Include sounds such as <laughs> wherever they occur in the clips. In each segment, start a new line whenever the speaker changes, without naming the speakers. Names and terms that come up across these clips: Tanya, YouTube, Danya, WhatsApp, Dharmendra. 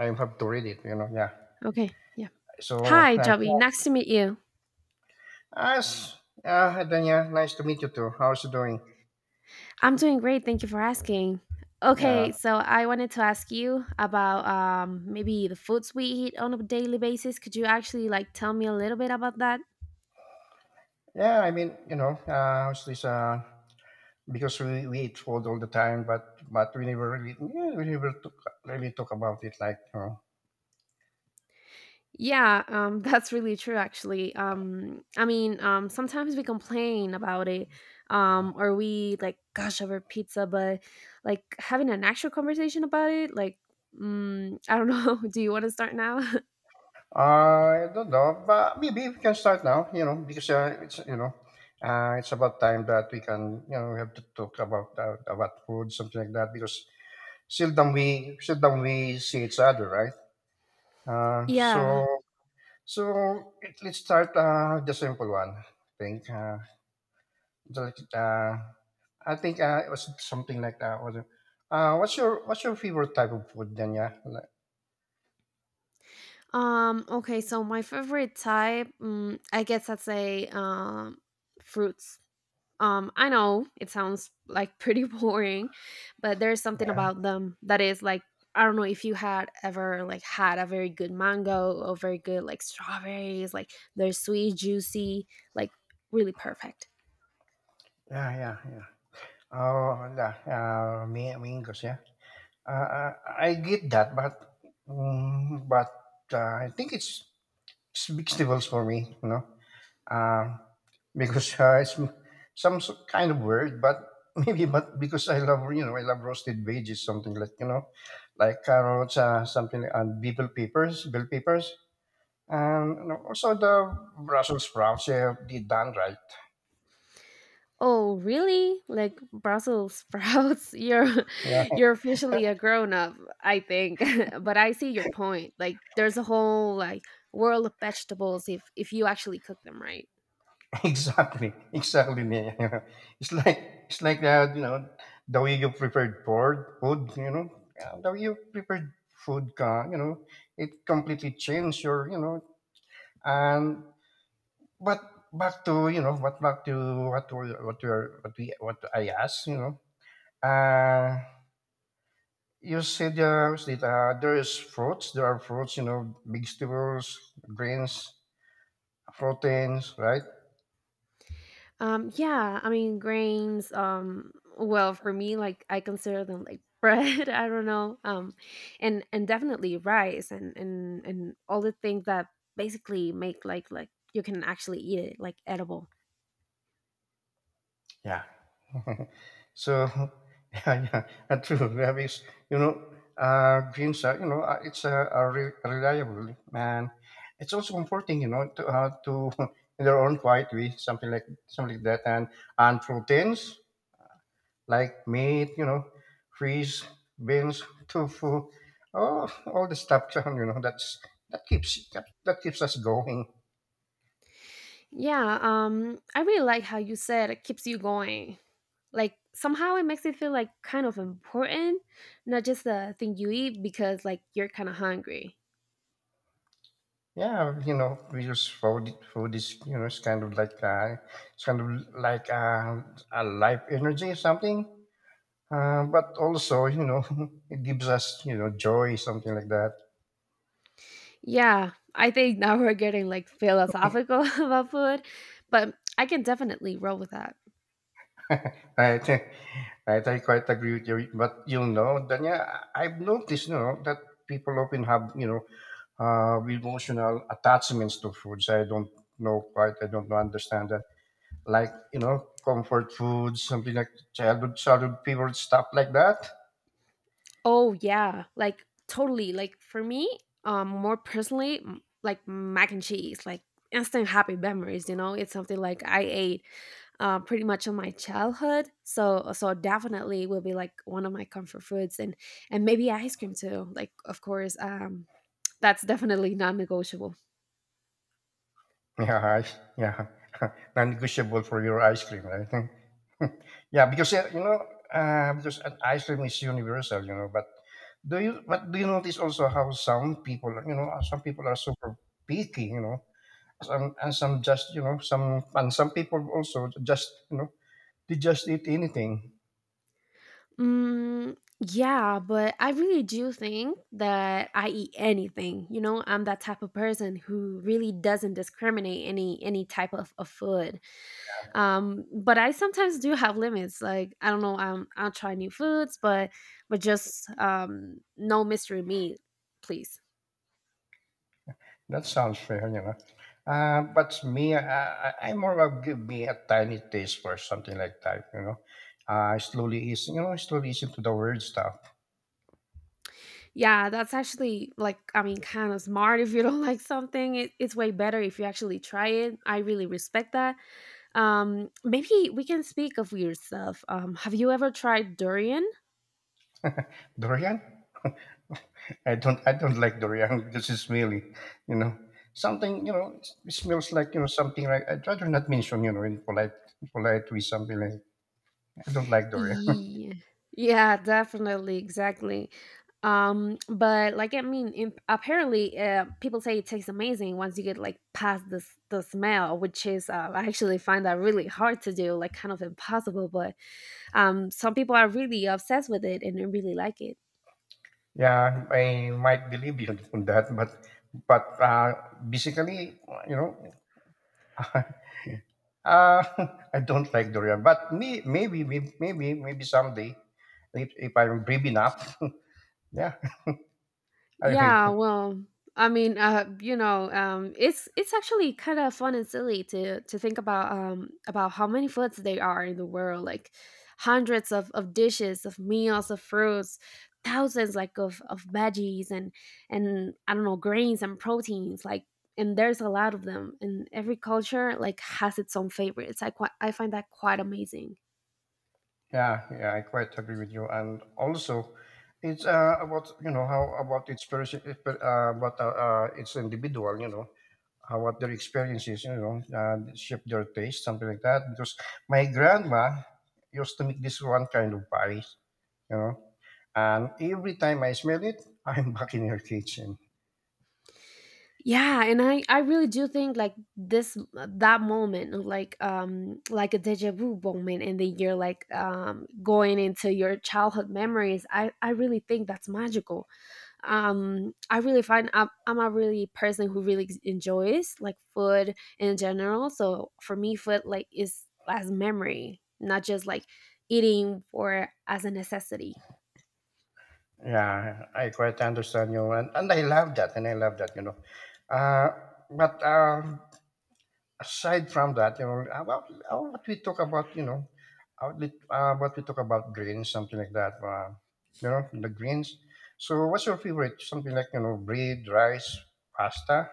I have to read it, you know. Yeah.
Okay. Yeah.
So
Hi,
like
Joey.
yeah.
Nice to meet you.
as yeah, Danya, nice to meet you too. How's you doing?
I'm doing great. Thank you for asking. Okay,
Yeah.
so I wanted to ask you about maybe the foods we eat on a daily basis. Could you actually like tell me a little bit about that?
Yeah, I mean, you know, how's this because we eat food all the time but we never really yeah, we never took really talk about it like you know.
Yeah, <laughs> that's really true. Actually, I mean, sometimes we complain about it, or we like gush over pizza, but like having an actual conversation about it, like, I don't know. <laughs> Do you want to start now?
I don't know, but maybe we can start now, you know, because it's you know, it's about time that we can you know we have to talk about food something like that because seldom we see each other, right?
<laughs>
Uh,
Yeah.
so so it, let's start with the simple one. I think the, uh, it was something like that. Was it? What's your favorite type of food then? Yeah, Like-
Okay, so my favorite type, I guess I'd say fruits. I know it sounds like pretty <laughs> boring, but there's something about them that is like I don't know if you had ever like had a very good mango or very good like strawberries, like they're sweet, juicy, like really perfect.
yeah, yeah, yeah. Oh, yeah. Mingos. Yeah. Uh, I, I get that, but mm, but I think it's vegetables for me. You know. um, because <laughs> it's some s- kind of word, but <laughs> maybe but because I love you know I love roasted veggies, something like you know, like carrots, and bell peppers, and you know, also the Brussels sprouts. Yeah, they done right.
Oh, really? Like Brussels sprouts? <laughs> You're
Yeah,
you're officially a grown up, I think. <laughs> But I see your point. Like there's a whole like world of vegetables if you actually cook them right.
<laughs> exactly, exactly. Yeah. <laughs> It's like that you know the way you prepared for food, you know, yeah, the way you prepared food, you know, it completely changed your you know and But back to you know, but back to what we are what we what I asked, you know. Uh you said that, there is fruits. There are fruits, you know, vegetables, grains, proteins, right?
Yeah, I mean grains well for me like I consider them like <laughs> bread, I don't know. And definitely rice and all the things that basically make like you can actually eat it like edible.
Yeah. <laughs> so <laughs> yeah, that's true. We have is you know, greens are you know, reliable and it's also comforting, you know, to <laughs> in their own quiet way, something like that, and proteins. Like meat, you know, fish, beans, tofu, all the stuff. <laughs> You know, that keeps that keeps us going.
Yeah, I really like how you said it keeps you going. Like somehow it makes it feel like kind of important, not just the thing you eat because like you're kind of hungry.
Yeah, you know, we use food. Food is you know, it's kind of like a life energy, something. But also, you know, <laughs> it gives us you know joy, something like that.
Yeah, I think now we're getting like philosophical <laughs> about food, but I can definitely roll with that.
I think <laughs> right, I think quite agree with you. But you know, Danya, I've noticed, you know, that people often have, you know, emotional attachments to foods. I don't know quite. I don't understand that. Like, you know, comfort foods, something like childhood favorite stuff like that. <laughs>
Oh yeah, like totally. Like for me, more personally, like mac and cheese, like instant happy memories. You know, it's something like I ate pretty much on my childhood. So definitely will be like one of my comfort foods and maybe ice cream too. Like of course, that's definitely non-negotiable.
Yeah, yeah, <laughs> non-negotiable for your ice cream, right? <laughs> Yeah, because you know, because an ice cream is universal, you know. But do you notice also how some people, you know, some people are super picky, you know, some just, you know, some people also just, you know, they just eat anything.
Yeah, but I really do think that I eat anything. You know, I'm that type of person who really doesn't discriminate any type of food. But I sometimes do have limits. Like I don't know, I'll try new foods, but just no mystery meat, please.
That sounds fair, you know. But I more of give me a tiny taste for something like that, you know. Slowly is into the weird stuff.
Yeah, that's actually like, I mean, kind of smart. If you don't <laughs> like something, it's way better if you actually try it. I really respect that. Maybe we can speak of weird stuff. Have you ever tried durian?
Dorian? I don't like durian <laughs> because it's smelly, you know. Something you know it smells like you know something like I'd rather not mention you know in polite way something like I don't like durian. <laughs>
Yeah, yeah, definitely, exactly. But like, I mean, in, apparently, people say it tastes amazing once you get like past the smell, which is I actually find that really hard to do, like kind of impossible. But some people are really obsessed with it and they really like it.
Yeah, I might believe you on that, but but uh, basically you know <laughs> uh, <laughs> I don't like durian. But me maybe someday if I'm brave enough, yeah, <laughs> I
Yeah,
will.
well, I mean, you know, it's actually kind of fun and silly to think about how many foods there are in the world, like hundreds of dishes, of meals, of fruits, thousands like of veggies and I don't know grains and proteins, like and there's a lot of them, and every culture like has its own favorites. I find that quite amazing.
Yeah, yeah, I quite agree with you. And also, it's about you know how about each person, if- about each individual, you know, how what their experiences, you know, shape their taste, something like that. Because my grandma used to make this one kind of pie, you know, and every time I smell it, <laughs> I'm back in her kitchen.
Yeah, and I really do think like this that moment of like a deja vu moment and then you're like going into your childhood memories. I really think that's magical. I really find I'm a really person who really enjoys like food in general. So for me food like is as memory, not just like eating for as a necessity.
Yeah, I quite understand you, and I love that, and I love that, you know. Uh, but aside from that, you know, well, what we talk about, you know, lit- what we talk about grains, something like that, you know, the grains. So, what's your favorite? Something like, you know, bread, rice, pasta?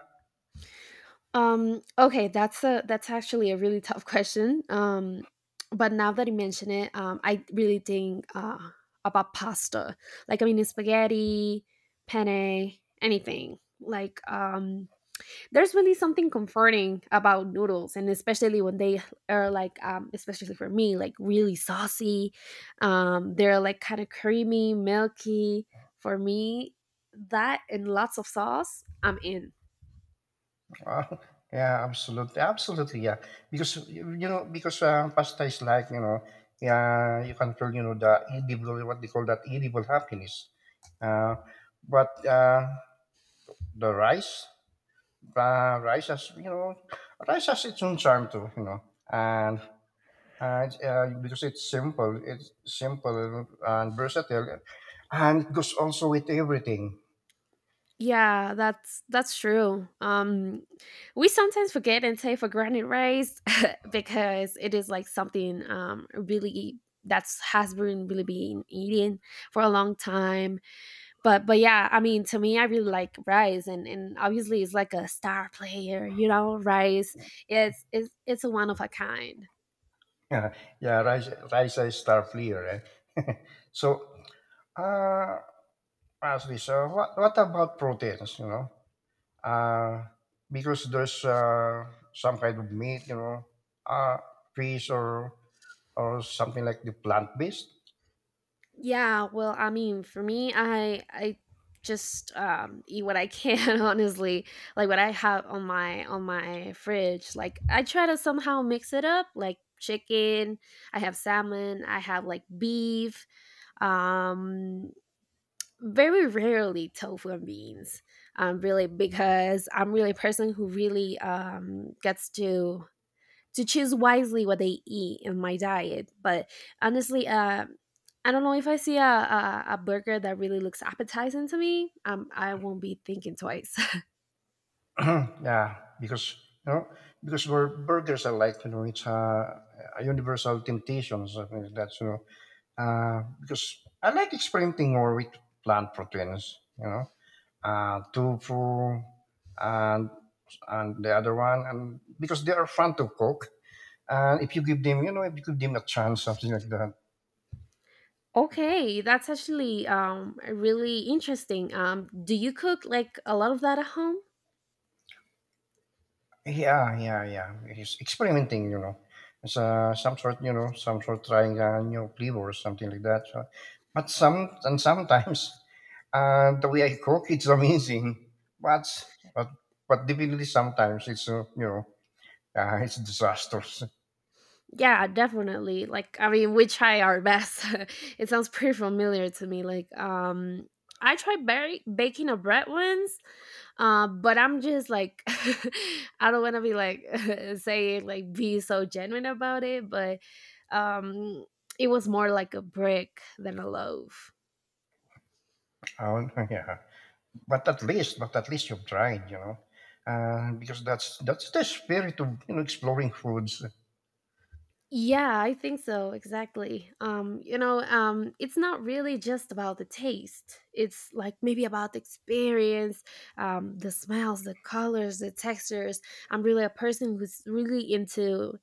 Okay, that's actually a really tough <laughs> question. But now that you mention it, I really think about pasta. Like I mean, spaghetti, penne, anything. Like there's really something comforting about noodles, and especially when they are like, especially for me, like really saucy. They're like kind of creamy, milky. For me, that and lots of sauce, I'm in.
Uh, <laughs> yeah, absolutely, absolutely, yeah. Because you know, because pasta is like you know, yeah, you can control you know the edible, what they call that edible happiness. Uh, but the rice, rice has you know rice has its own charm too you know and because it's simple and versatile and it goes also with everything.
Yeah, that's true. We sometimes forget and take for granted rice <laughs> because it is like something really that's has been really been eating for a long time. But yeah, I mean to me I really like rice and obviously it's like a star player, you know, rice. It's a one of a kind.
<laughs> Yeah, yeah rice is star flea right. <laughs> So uh, actually so what about proteins you know uh because there's some kind of meat you know uh fish or something like the plant based.
Yeah, well, I mean, for me, I just eat what I can, <laughs> honestly. Like what I have on my fridge. Like I try to somehow mix it up, like chicken. I have salmon. I have like beef. Um, very rarely tofu and beans. Really because I'm really a person who really gets to choose wisely what they eat in my diet. But honestly, I don't know if I see a burger that really looks appetizing to me. I won't be thinking twice.
<clears throat> Yeah, because you know, because burgers are like you know, a universal temptation, something like that. You know, because I like experimenting more with plant proteins. You know, tofu and and the other one, and because they are fun to cook. And if you give them, you know, if you give them a chance, something like that,
<laughs> Okay, that's actually really interesting. Do you cook like a lot of that at home?
yeah, yeah, yeah. He's experimenting, you know. It's some sort trying a new flavor or something like that. So, but sometimes <laughs> the way I cook, it's amazing. But but but definitely sometimes it's you know <laughs> it's disastrous.
Yeah, definitely. Like, I mean, we try our best. <laughs> It sounds pretty familiar to me. Like, I tried baking a bread once, but I'm just like, <laughs> I don't want to be like <laughs> saying like be so genuine about it, but um, it was more like a brick than a loaf.
Oh, <laughs> yeah. But at least you've tried, you know, because that's the spirit of you know exploring foods.
Yeah, I think so. Exactly. You know, it's not really just about the taste. It's like maybe about the experience, the smells, the colors, the textures. I'm really a person who's really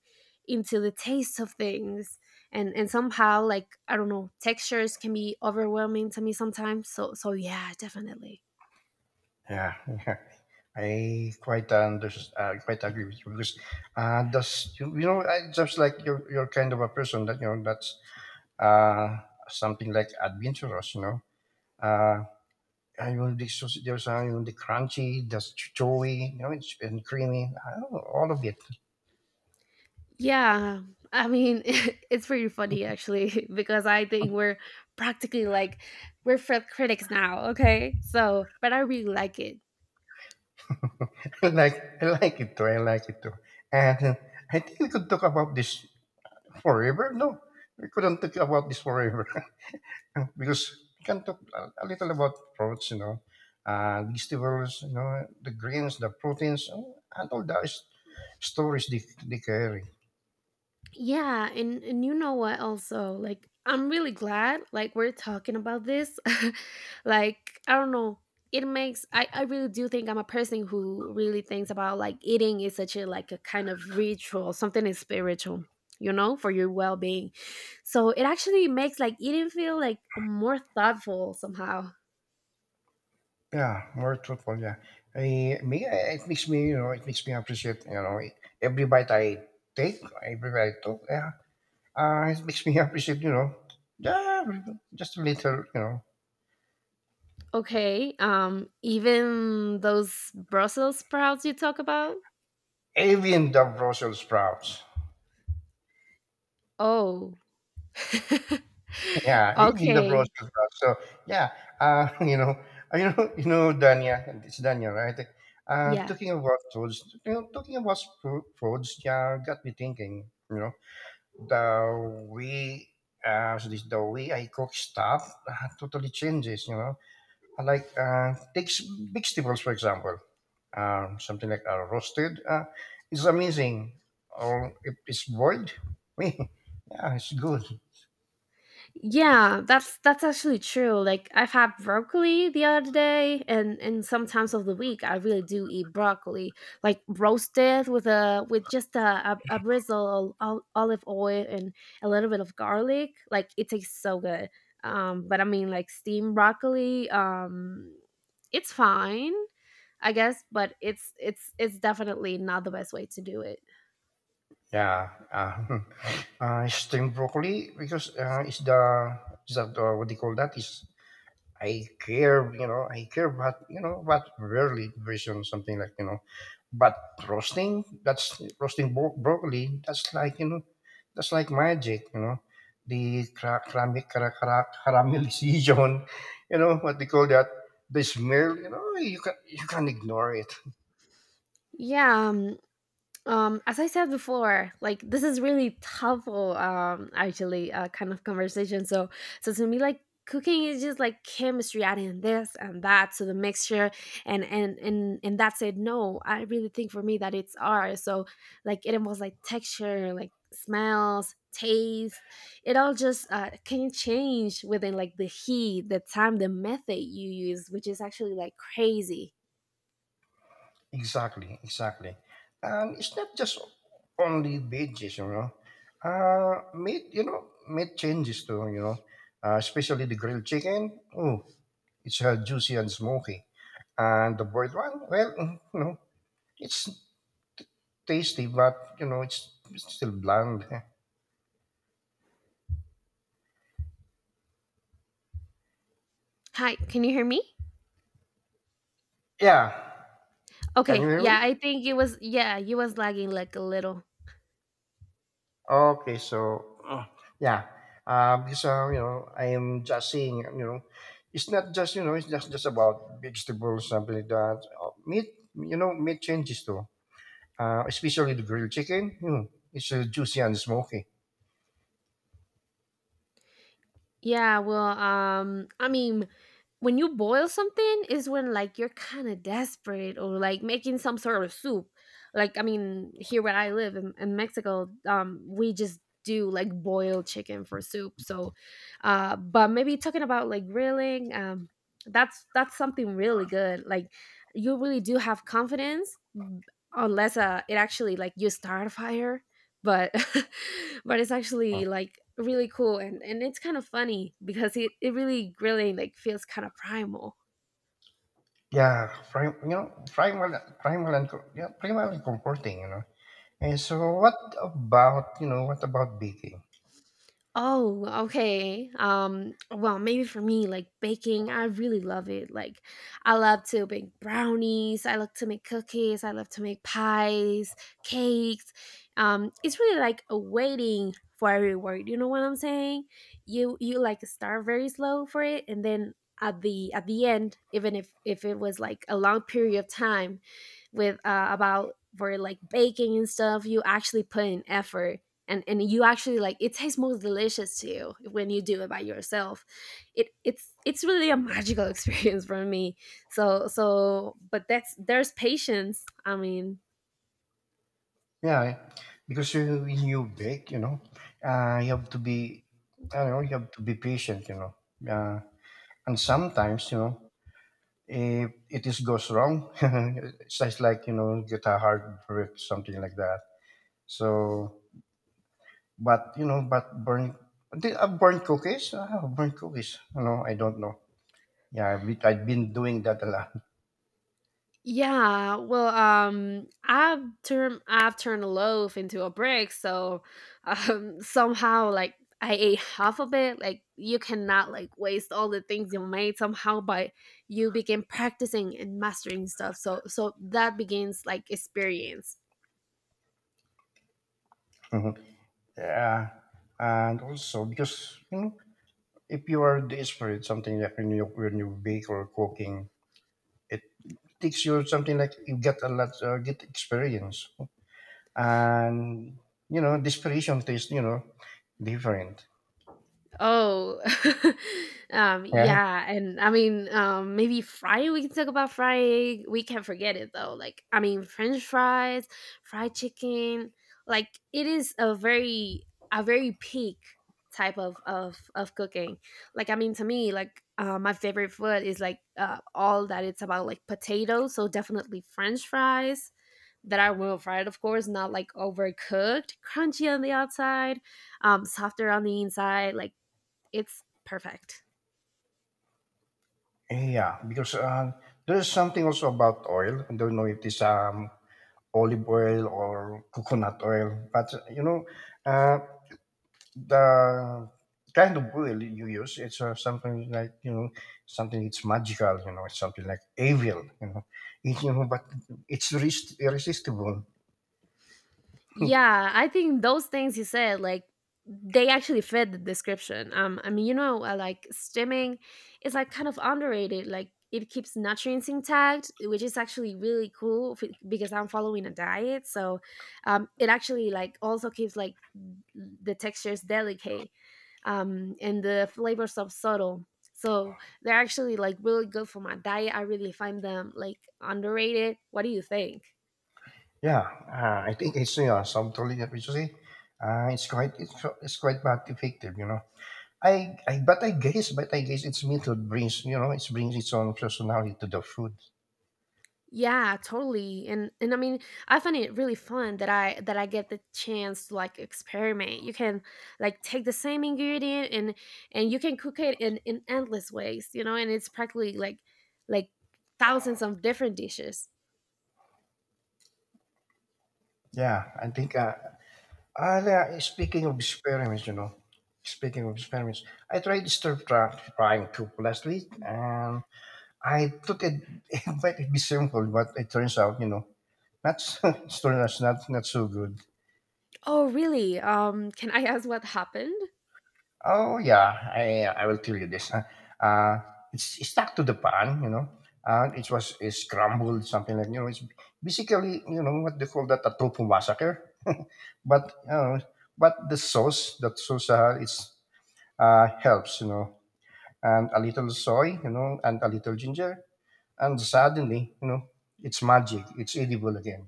into the taste of things and somehow like I don't know, textures can be overwhelming to me sometimes. So so yeah, definitely.
Yeah. <laughs> I quite unders quite agree with you because you know I just like you're kind of a person that you know that's uh something like adventurous, you know. Uh, I want the sausage- there's you know the crunchy, there's chewy, you know, it's and creamy. I don't know, all of it.
Yeah, I mean, <laughs> it's pretty funny actually <laughs> because I think we're practically like we're film critics now, okay? So, but I really like it.
<laughs> I like it too. I like it too. And <laughs> I think we could talk about this forever. No, we couldn't talk about this forever, because we can talk a little about fruits, you know, vegetables, you know, the grains, the proteins, and all the s- stories they carry.
Yeah, and you know what also? Like I'm really glad like we're talking about this. <laughs> Like I don't know, it makes I really do think I'm a person who really thinks about like eating is such a like a kind of ritual, something is spiritual, you know, for your well-being. So it actually makes like eating feel like more thoughtful somehow.
Yeah, more truthful. Yeah, it makes me, you know, it makes me appreciate, you know, every bite I every bite I took. Yeah, it makes me <laughs> appreciate, you know, yeah, just a little, you know,
Okay, even those Brussels sprouts you talk about?
even the Brussels sprouts.
Oh. <laughs>
Yeah, even the bros
Okay.
to bros. So yeah, <laughs> you know, Dania, and it's Dania, right?
Yeah.
Talking about foods, you know, talking about foods, yeah, got me thinking. You know, the way, the way I cook stuff totally changes. You know, I like takes vegetables for example, something like roasted. It's amazing, or if it's boiled, <laughs> yeah, it's good.
Yeah, that's actually true. Like I've had broccoli the other day and sometimes of the week I really do eat broccoli, like roasted with a with just a a drizzle of olive oil and a little bit of garlic. Like it tastes so good. But I mean like steamed broccoli it's fine, I guess, but it's definitely not the best way to do it.
Yeah, <laughs> steamed broccoli because it's the is that what they call that? Is I care, you know, I care, but you know, but rarely version something like you know, but roasting broccoli. That's like you know, that's like magic, you know, the caramelization, <laughs> you know, what they call that, the smell, you know, you can ignore it.
Yeah, as I said before, like this is really helpful, actually, kind of conversation. So, so to me, like cooking is just like chemistry adding this and that to the mixture, and that's it. No, I really think for me that it's art. So, like it involves like texture, like smells, taste. It all just can change within like the heat, the time, the method you use, which is actually like crazy.
Exactly, exactly. And it's not just only veggies, you know. Meat changes too, you know. Especially the grilled chicken. Oh, it's juicy and smoky. And the boiled one, well, mm, you know, it's tasty, but you know, it's still bland. <laughs>
Hi, can you hear me?
Yeah. Can you
Okay,
hear me?
yeah, I think it was yeah, you was lagging like a little.
Okay, so yeah, because you know I am just saying you know it's not just you know it's just about vegetables something like that. Meat changes too. Especially the grilled chicken, you know, it's juicy and smoky.
Yeah, well, I mean, when you boil something is when like you're kind of desperate or like making some sort of soup. Like I mean, here where I live in Mexico, we just do like boiled chicken for soup. So, but maybe talking about like grilling, that's something really good. Like you really do have confidence, unless it actually like you start a fire but <laughs> but it's
Uh,
actually like really cool and it's kind of funny because it really really like feels kind of primal.
yeah, primal, primal and primal and comforting, you know. And so, what about you know what about baking?
Oh, okay. Well, maybe for me, like baking, I really love it. Like, I love to bake brownies. I love to make cookies. I love to make pies, cakes. It's really like a waiting for a reward. You know what I'm saying? You like start very slow for it, and then at the end, even if it was like a long period of time, with about for like baking and stuff, you actually put in effort and you actually like it tastes most delicious to you when you do it by yourself. It's really a magical <laughs> experience for me. So but that's there's patience, I mean.
Yeah, Because you, when you bake, you know, you have to be, I don't know, you have to be patient, you know. Uh, and sometimes, you know, if it is goes wrong, <laughs> it's just like you know, get a heartbreak, something like that. So, but you know, but burn, did I burn cookies? I have burnt cookies. You know, I don't know. Yeah, I've been doing that a lot.
Yeah, well, I've turned a loaf into a brick. So <laughs> somehow like I ate half of it. Like you cannot like waste all the things you made somehow by you begin practicing and mastering stuff. So that begins like experience.
<laughs> Yeah, and also because if you are desperate, something like when you bake or cooking, it teaches you something, like you get a lot, get experience, and desperation tastes, different.
Oh, <laughs>
Yeah,
yeah, and I mean, maybe Friday we can talk about Friday. We can't forget it though. Like, I mean, French fries, fried chicken. Like, it is a very peak type of cooking. Like, I mean, to me, like, my favorite food is like all that it's about, like potatoes. So definitely French fries that are well fried, of course, not like overcooked, crunchy on the outside, softer on the inside, like it's perfect.
yeah, because there's something also about oil. I don't know if it's olive oil or coconut oil, but uh, the kind of oil you use, it's something like something, it's magical. It's something like evil. It, but it's irresistible.
Yeah, I think those things you said, like they actually fit the description. I mean, you know, like stimming is like kind of underrated. Like it keeps nutrients intact, which is actually really cool because I'm following a diet. So, it actually like also keeps like the textures delicate, and the flavors of subtle. So they're actually like really good for my diet. I really find them like underrated. What do you think?
Yeah, I think it's, yeah, so totally happy, it's quite not effective. I But I guess its method brings, it brings its own personality to the food.
Yeah, totally. And I mean, I find it really fun that I get the chance to like experiment. You can like take the same ingredient and you can cook it in endless ways, you know, and it's practically like thousands of different dishes.
Yeah, I think. Yeah, speaking of experiments, speaking of experiments, I tried stir frying too last week, and I thought it, <laughs> it might be simple, but it turns out, not <laughs> out, not so good.
Oh, really? Can I ask what happened?
Oh yeah, I will tell you this. Uh, it's stuck to the pan. It's scrambled, something like, you know. It's basically what they call that, a tofu massacre. But you know, but the sauce, that sauce it's helps, and a little soy, and a little ginger, and suddenly it's magic. It's edible again.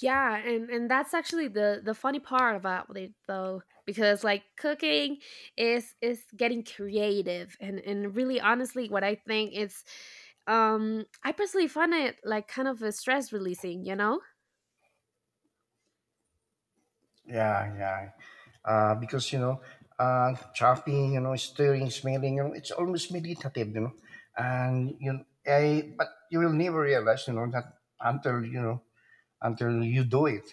Yeah, and that's actually the funny part about it though, because like cooking is getting creative and really honestly what I think it's I personally find it like kind of a stress releasing, you know?
Yeah, yeah. Because, chopping, stirring, smelling, it's almost meditative. And but you will never realize that until you know, until you do it.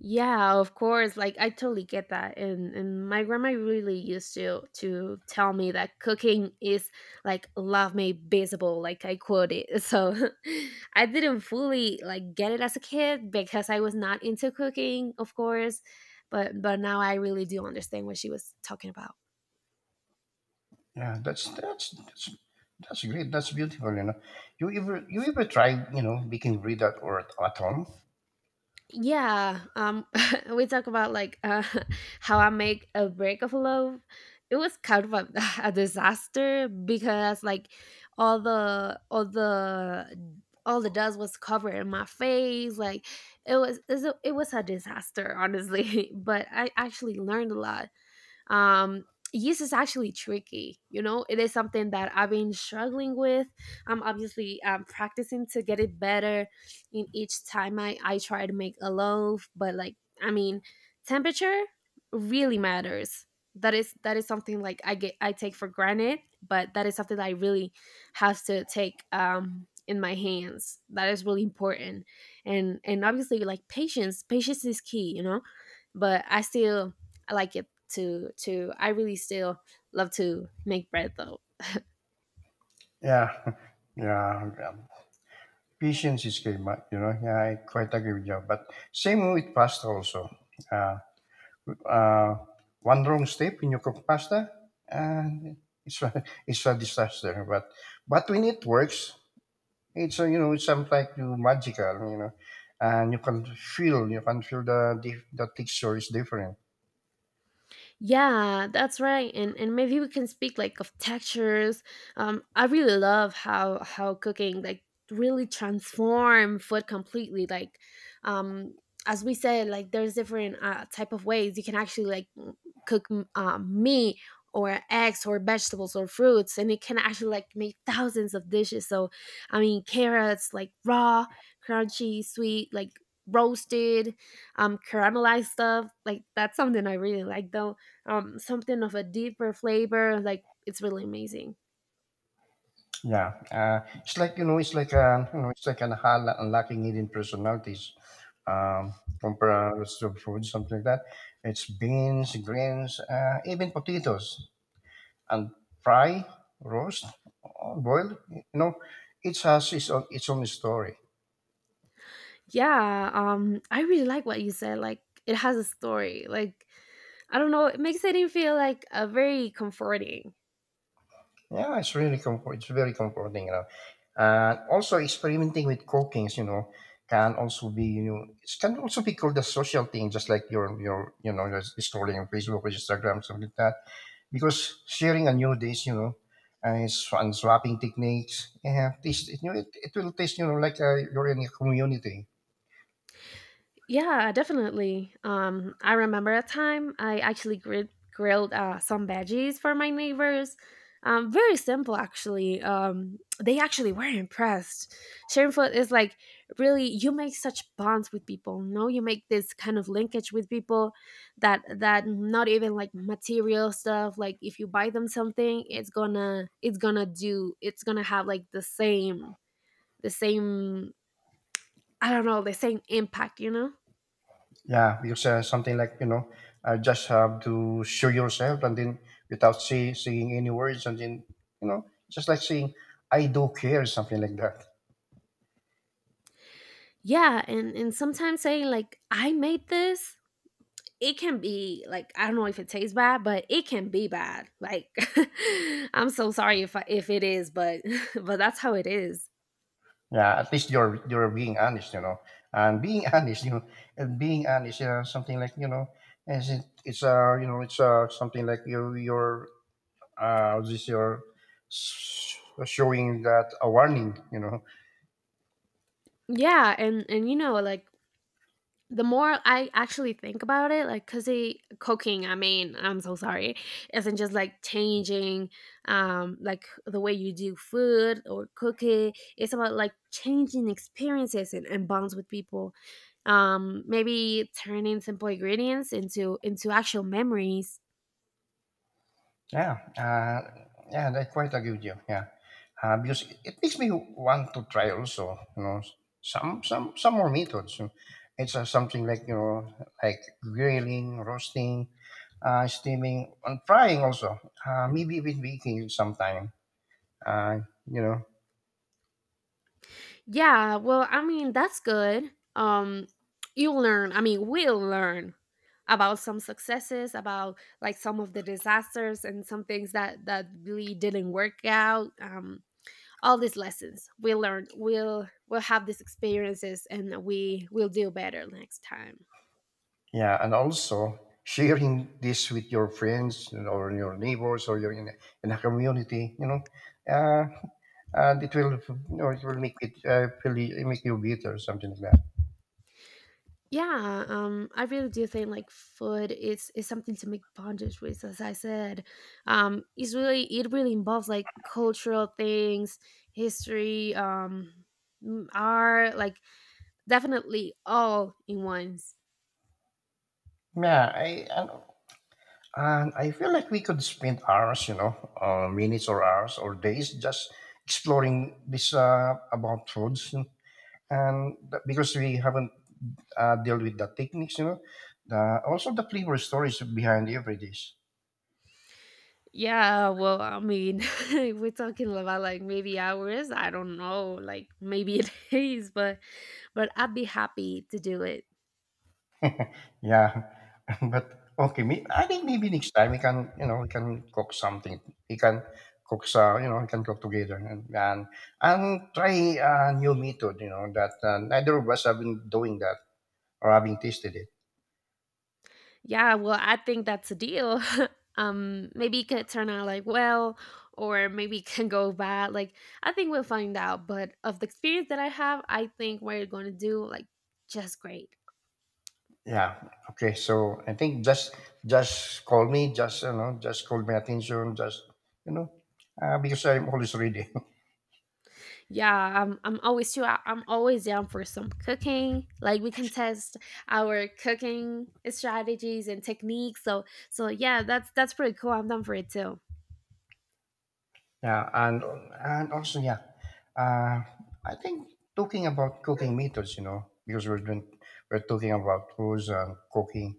Yeah, of course. Like I totally get that. And my grandma really used to tell me that cooking is like love made visible, like I quote it. <laughs> So <laughs> I didn't fully like get it as a kid because I was not into cooking, of course. But now I really do understand what she was talking about.
Yeah, that's great. That's beautiful, you know. You ever tried baking bread at, or at home?
Yeah, <laughs> we talk about like <laughs> how I make a break of love. It was kind of a, <laughs> a disaster because like all the all the dust was covered in my face. Like it was it was a disaster honestly. <laughs> But I actually learned a lot. um, yeast is actually tricky. You know, it is something that I've been struggling with. I'm obviously practicing to get it better in each time I try to make a loaf, but like, I mean, temperature really matters. That is something like I get I take for granted, but that is something that I really have to take in my hands. That is really important, and obviously like patience, patience is key, you know, but I still I like it to I really still love to make bread though.
Yeah, <laughs> yeah. Yeah. Patience is key, but yeah, I quite agree with you. But same with pasta also. Uh, uh, One wrong step in your cook pasta, and it's a, <laughs> it's a disaster. But when it works, it's something like you magical, and you can feel the texture is different.
Yeah, that's right. And maybe we can speak like of textures. I really love how cooking like really transform food completely. Like, um, as we said, like there's different type of ways you can actually cook meat or eggs or vegetables or fruits, and it can actually like make thousands of dishes. So, I mean, carrots like raw, crunchy, sweet, like roasted, caramelized stuff. Like that's something I really like though. Something of a deeper flavor. Like it's really amazing.
Yeah, it's like, it's like a it's like an unlocking hidden personalities. Um, Compared to food, something like that. It's beans, grains, even potatoes, and fry, roast, or boil. Each has its own story.
Yeah, I really like what you said. Like it has a story. Like I don't know, it makes it feel like a very comforting.
Yeah, it's really comfort. It's very comforting. And also experimenting with cookings. You know, can also be you know It can also be called a social thing, just like your you know you're scrolling on Facebook or Instagram, something like that. Because sharing a new dish. And swapping techniques, yeah, taste, it, you know, it will taste, like you're in a community.
Yeah, definitely. I remember a time I actually grilled some veggies for my neighbors. Very simple, actually. They actually were impressed. Sharing food is like really you make such bonds with people. No, you make this kind of linkage with people that that not even like material stuff. Like if you buy them something, it's gonna do it's gonna have like the same I don't know the same impact. You know.
Yeah, because something like, just have to show yourself, and then, without saying any words, and then you know, just like saying, "I do care," something like that.
Yeah, and sometimes saying like I made this, it can be like I don't know if it tastes bad, but it can be bad. Like <laughs> I'm so sorry if it is, but <laughs> but that's how it is.
Yeah, at least you're being honest, and being <laughs> honest, and being honest, something like, it's it's something like, you're, this you're s- showing that, a warning, you know.
Yeah, and you know like the more I actually think about it, like, cause it cooking, I mean, I'm so sorry, isn't just like changing, like the way you do food or cook it. It's about like changing experiences and bonds with people. Maybe turning simple ingredients into actual memories.
Yeah, yeah, I quite agree with you. Yeah, because it makes me want to try also, some more methods. It's something like, like grilling, roasting, steaming, and frying also. Maybe even baking sometime. Uh, you know,
Yeah, well, I mean, that's good. You'll learn. I mean, we'll learn about some successes, about like some of the disasters and some things that that really didn't work out. All these lessons. We'll learn. We'll have these experiences and we will do better next time.
yeah, and also sharing this with your friends or your neighbors or your in a community. You know, uh, and it will or it will make it really make you bitter or something like that.
Yeah, I really do think like food is something to make bondage with, as I said. It's really it really involves like cultural things, history, art, like definitely all in once.
Yeah, I and I feel like we could spend hours, you know, minutes or hours or days just exploring this about foods, and that- because we haven't dealt with the techniques, you know, the, also the flavor stories behind every dish.
Yeah, well, I mean, <laughs> we're talking about like maybe hours. I don't know, like maybe <laughs> it is, but I'd be happy to do it.
Yeah, <laughs> but okay, may, I think maybe next time we can, you know, we can cook something. We can cook, you know, we can cook together and try a new method, you know, that neither of us have been doing that or having tasted it.
Yeah, well, I think that's a deal. <laughs> Maybe it could turn out like well, or maybe it can go bad. Like I think we'll find out. But of the experience that I have, I think we're gonna do like just great.
Yeah. Okay. So I think just call me, just you know, just call my attention, just you know, because I'm always ready. <laughs>
Yeah, I'm always too. I'm always down for some cooking. Like we can test our cooking strategies and techniques. So yeah, that's pretty cool. I'm down for it too.
Yeah, and also yeah, uh, I think talking about cooking methods, because we're talking about foods and cooking.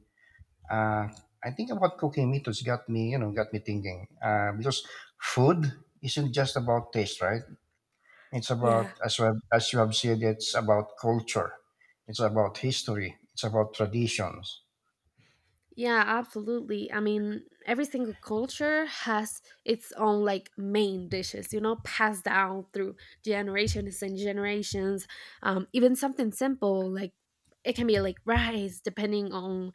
Uh, I think about cooking methods got me thinking. Because food isn't just about taste, right? It's
Yeah.
about, as you have said, it's about culture, it's about history, it's about traditions.
Yeah, absolutely. I mean, every single culture has its own like main dishes, you know, passed down through generations and generations. Even something simple like it can be like rice, depending on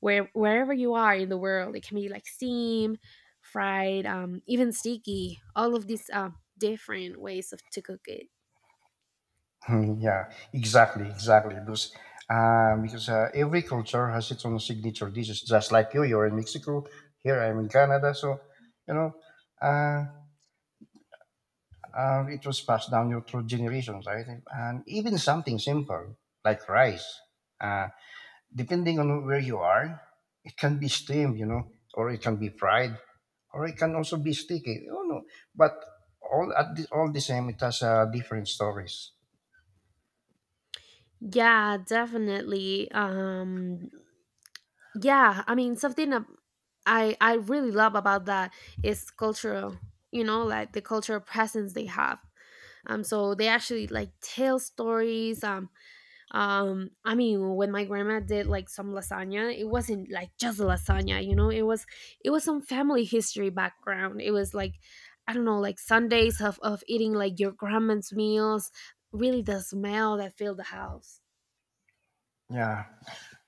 wherever you are in the world. It can be like steam, fried, even sticky. All of these different ways of to cook it.
<laughs> Yeah, exactly, exactly. Because every culture has its own signature dishes. Just like you're in Mexico. Here I'm in Canada. So you know, uh, it was passed down your through generations, right? And even something simple like rice, uh, depending on where you are, it can be steamed, or it can be fried, or it can also be sticky. But all the same, it has different stories.
Yeah, definitely. Yeah, I mean something I really love about that is cultural. You know, like the cultural presence they have. So they actually like tell stories. I mean when my grandma did like some lasagna, it wasn't like just lasagna, you know, it was some family history background. It was like I don't know like Sundays of eating like your grandma's meals, really the smell that filled the house.
Yeah.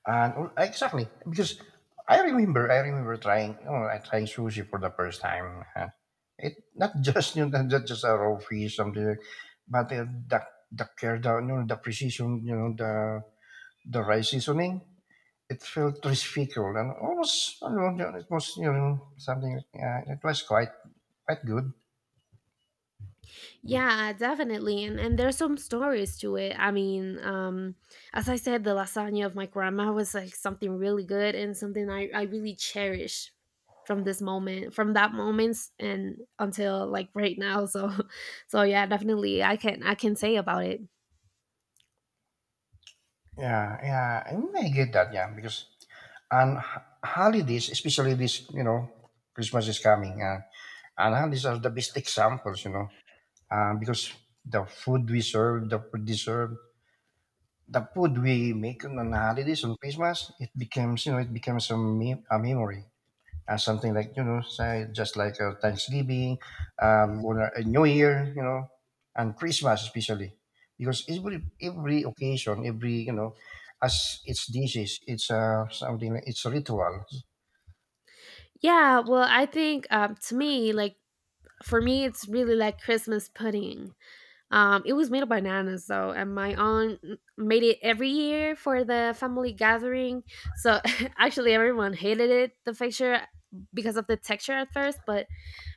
And well, exactly, because I remember trying, you know, I trying sushi for the first time. It not just, <laughs> not just a raw fish, something, but the care, the precision, the rice seasoning. It felt respectful and almost, it was something. It was quite good.
Yeah, definitely. And there's some stories to it. I mean, as I said, the lasagna of my grandma was like something really good and something I really cherish from this moment, from that moment and until like right now. So <laughs> so yeah, definitely I can say about it.
Yeah, yeah, I mean, I get that. Yeah, because on holidays, especially this Christmas is coming. And these are the best examples, because the food we serve, the food they serve, the food we make on the holidays on Christmas, it becomes, a memory. Something like, say, just like, Thanksgiving, or a New Year, and Christmas especially. Because every occasion, as its dishes, it's a ritual.
Yeah, well I think to me, like for me it's really like Christmas pudding. It was made of bananas, so and my aunt made it every year for the family gathering. So <laughs> actually, everyone hated it the picture because of the texture at first,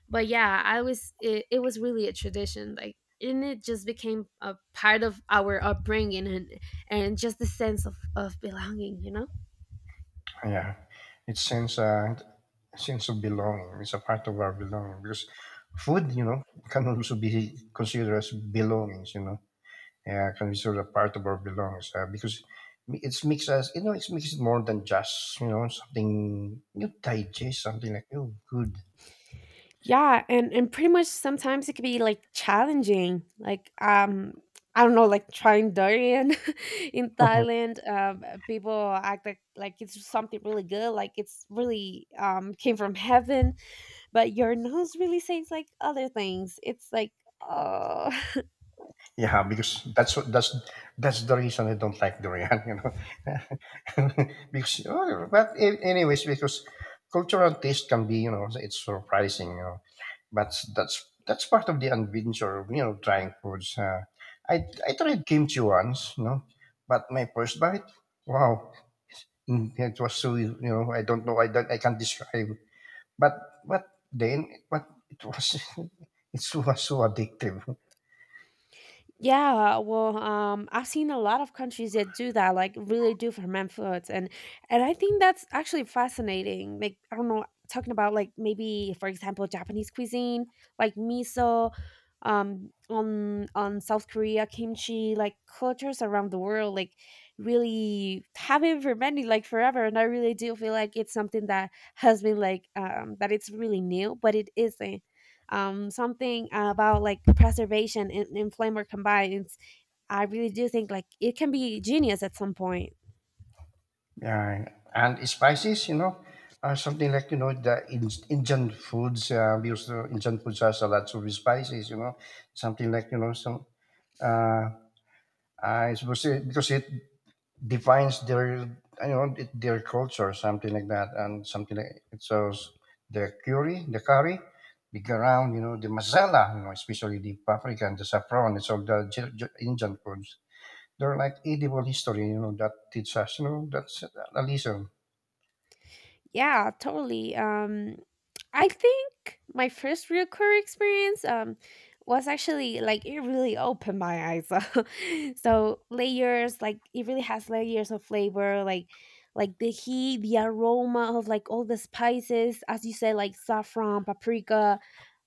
but yeah, I was it, it was really a tradition, like and it just became a part of our upbringing and just the sense of belonging, you know.
Yeah, it sense a sense of belonging. It's a part of our belonging because food can also be considered as belongings. Yeah, can be sort of part of our belongings, because it makes it more than just something you digest, something like, oh, good.
Yeah, and pretty much sometimes it could be, like, challenging, like, I don't know, like, trying durian <laughs> in
<laughs>
Thailand, people act like it's something really good, like it's really, came from heaven, but your nose really says, like, other things. It's like, "Oh."
Yeah, because that's what, that's the reason I don't like durian, <laughs> . <laughs> Because oh, but anyways, because cultural taste can be, it's surprising. But that's part of the adventure of trying foods. I tried kimchi once, but my first bite, wow, mm, it was so, I don't know I don't I can't describe. But but then but it was, <laughs> it was so addictive.
Yeah, well, I've seen a lot of countries that do that, like really do ferment foods, and I think that's actually fascinating. Like I don't know, talking about like maybe for example Japanese cuisine, like miso, on South Korea kimchi, like cultures around the world, like really have been fermenting like forever, and I really do feel like it's something that has been like that it's really new, but it isn't something about like preservation and flavor combines, I really do think like it can be genius at some point.
Yeah, and spices, something like, the Indian foods. We also, Indian foods has a lot of spices, something like, some. Uh, I suppose it, because it defines their you know it, their culture, something like that, and something like, the curry, the garam, the masala, especially the paprika and the saffron. It's all the Indian foods. They're like edible history that teaches us, that's a lesson.
Yeah, totally. I think my first real career experience was actually like it really opened my eyes. <laughs> So layers, like it really has layers of flavor, like the heat, the aroma of like all the spices, as you said, like saffron, paprika,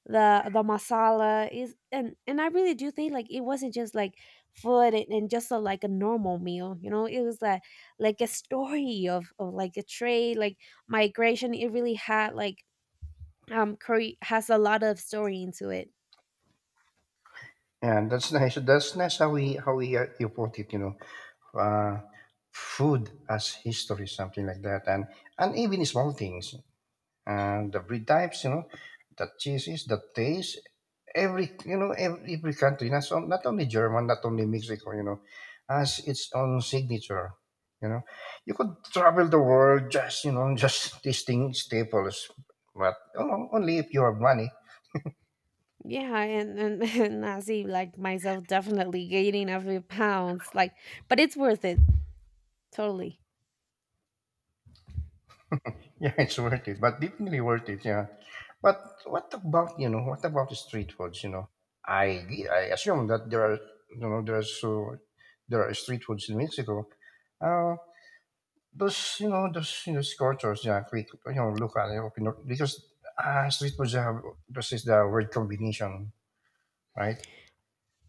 the masala is and I really do think like it wasn't just like food and just a, like a normal meal. It was like a story of like a trade like migration. It really had like curry has a lot of story into it.
Yeah, that's nice. That's nice how we you put it. Uh, Food as history, something like that, and even small things, and the breed types. The cheeses, the taste. Every you know every country, not only German, not only Mexico, has its own signature. You know, you could travel the world, just you know <laughs> just tasting staples, but only if you have money.
Yeah <laughs> and I see like myself definitely gaining a few pounds like but it's worth it. Totally.
Yeah, <laughs> it's worth it, but definitely worth it. Yeah. But what about, What about the street foods? I assume that there are you know there are so there are street foods in Mexico. Uh, those, those, scorchers, yeah, quick, local, because, street foods have, this is the word combination, right?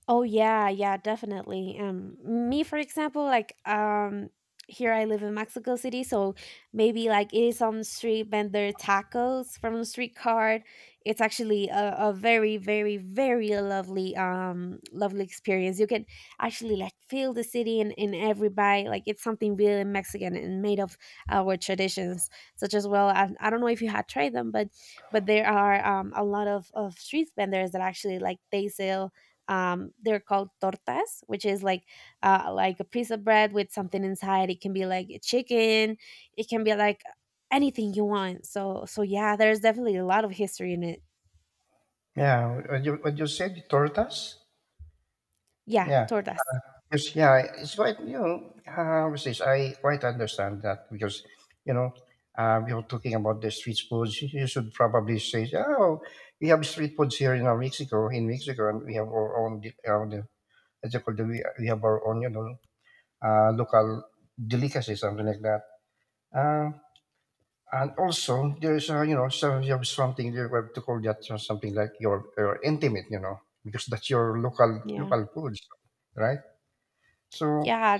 Oh yeah, yeah, definitely. Me for example, like here I live in Mexico City, so maybe like eating some street vendor tacos from the street cart. It's actually a very, very, very lovely, lovely experience. You can actually like feel the city in every bite. Like it's something really Mexican and made of our traditions, such as well. I don't know if you had tried them, but there are a lot of street vendors that actually like they sell they're called tortas, which is like a piece of bread with something inside. It can be like chicken, it can be like anything you want. So yeah, there's definitely a lot of history in it.
Yeah. What you said, tortas.
Yeah,
Yeah.
tortas.
Yes, yeah, it's quite, you know, how to say this, I quite understand that because, you know, we are talking about the street foods. You should probably say, oh, we have street foods here in Mexico, in Mexico, and we have our own, as you call it, we have our own, local delicacy, something like that. Uh, and also, there's, so you have something you have to call that something like your intimate, because that's your local
Yeah.
local foods, right? So
Yeah,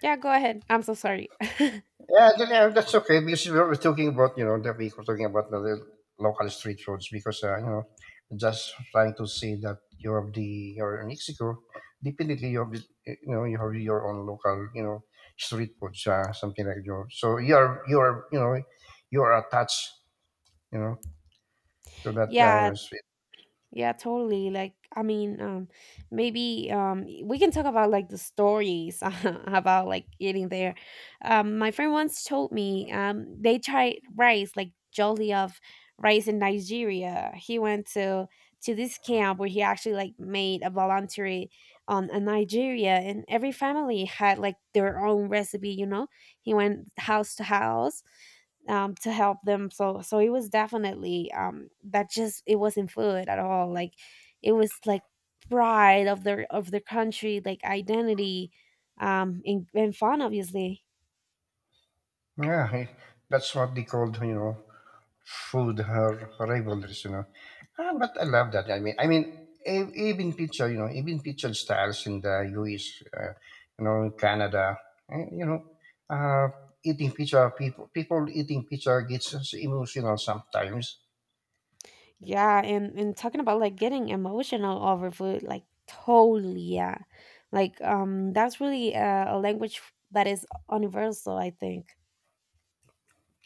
yeah go ahead, I'm so sorry. <laughs>
yeah, yeah, that's okay because we were talking about that we were talking about the little local street foods because just trying to see that you have the you're in Mexico, definitely you have the, you have your own local, street foods, something like you, so you are you are attached, you know, to that kind
Yeah.
of.
Yeah, totally. Like, I mean, maybe we can talk about like the stories <laughs> about like eating there. My friend once told me they tried rice, like jolly of rice in Nigeria. He went to this camp where he actually like made a voluntary on in Nigeria, and every family had like their own recipe. You know, he went house to house to help them. So it was definitely that just it wasn't food at all. Like it was like pride of their country, like identity, and fun obviously.
Yeah, that's what they called, you know, food her rivalries, you know. Ah, but I love that. I mean, even picture, you know, even picture styles in the U.S., in Canada, eh, you know, uh, eating pizza, people eating pizza gets us emotional sometimes.
Yeah, and talking about like getting emotional over food, like totally yeah, like that's really a language that is universal, I think.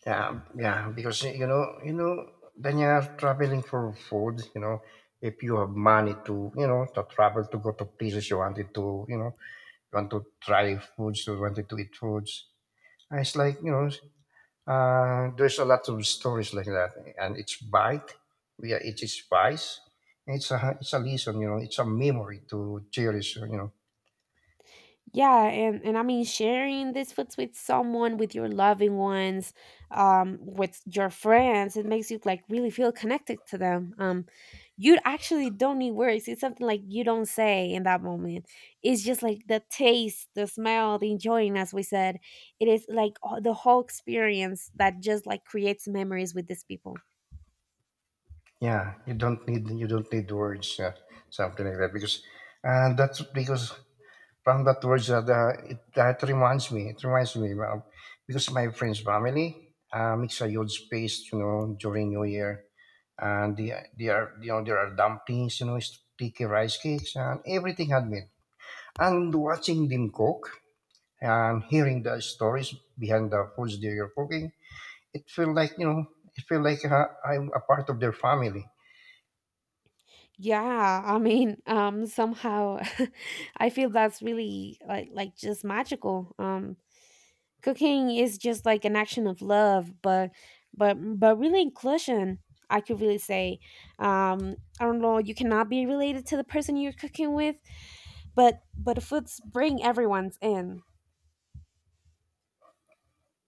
Yeah, because you know, when you're traveling for food, you know, if you have money to, you know, to travel to go to places you wanted to, you know, want to try foods, or wanted to eat foods. And it's like, you know, there's a lot of stories like that. And it's bite, yeah, it is spice. It's a lesson, you know, it's a memory to cherish, you know.
Yeah, and I mean sharing these foods with someone, with your loving ones, with your friends, it makes you like really feel connected to them. You actually don't need words. It's something like you don't say in that moment. It's just like the taste, the smell, the enjoying, as we said. It is like all- the whole experience that just like creates memories with these people.
Yeah, you don't need words, yeah, something like that. Because, and that's because from that words that, that reminds me, it reminds me, well, because my friend's family makes a huge feast, you know, during New Year and the, there are there are dumplings, you know, sticky rice cakes, and everything handmade. And watching them cook and hearing the stories behind the foods they are cooking, it felt like you know, it felt like I'm a part of their family.
Yeah, I mean, somehow <laughs> I feel that's really like just magical. Cooking is just like an action of love, but but really inclusion. I could really say, um, I don't know. You cannot be related to the person you're cooking with, but the foods bring everyone's in.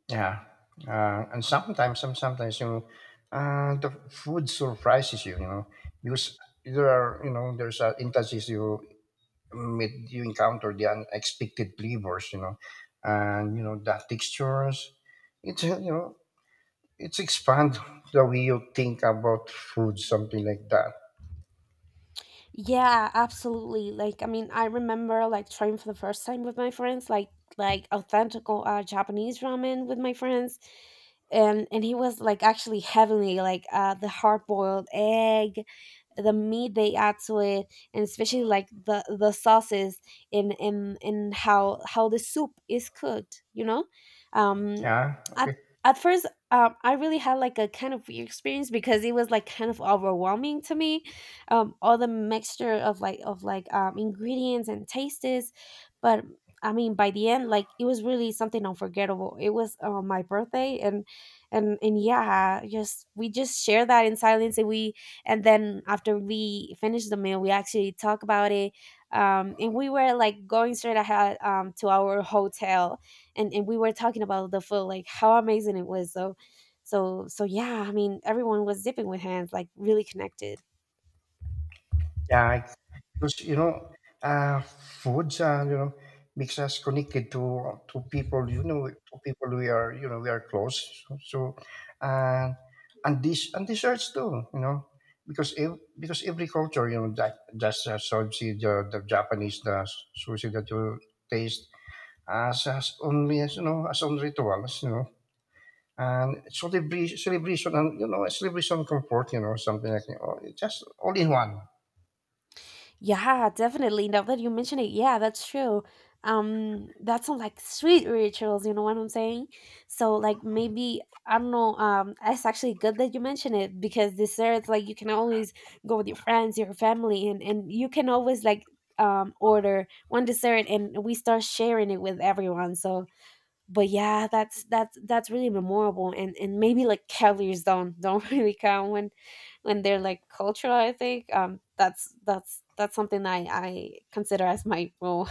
Yeah, and sometimes, sometimes you know, the food surprises you, you know, because there are there's instances you meet, you encounter the unexpected flavors, you know, and you know the textures. It's you know it's expand the way you think about food, something like that.
Yeah, absolutely. Like, I mean, I remember like trying for the first time with my friends, like authentic Japanese ramen with my friends, and he was like actually heavenly, like the hard boiled egg, the meat they add to it, and especially like the sauces and how the soup is cooked. You know, um,
Yeah.
at
Okay.
at first, I really had like a kind of weird experience because it was like kind of overwhelming to me, all the mixture of like ingredients and tastes. But I mean by the end like it was really something unforgettable. It was my birthday, and yeah, just we just share that in silence, and we and then after we finish the meal we actually talk about it, and we were like going straight ahead to our hotel, and we were talking about the food like how amazing it was. So yeah, I mean everyone was dipping with hands, like really connected.
Yeah, I, because, you know, foods, you know, makes us connected to people, you know, to people we are, you know, we are close. So, so uh, and this and desserts too, you know, because because every culture, you know, that just sushi, the Japanese, the sushi that you taste as only as you know as on rituals, you know. And celebration, and you know, celebration comfort, you know, something like that. Oh, it's just all in one.
Yeah, definitely. Now that you mention it, yeah, that's true. That's sounds like sweet rituals, you know what I'm saying? So like maybe I don't know, it's actually good that you mention it because desserts like you can always go with your friends, your family, and you can always like order one dessert and we start sharing it with everyone. So but yeah, that's really memorable, and maybe like cavaliers don't <laughs> really count when they're like cultural, I think. That's something I consider as my rule.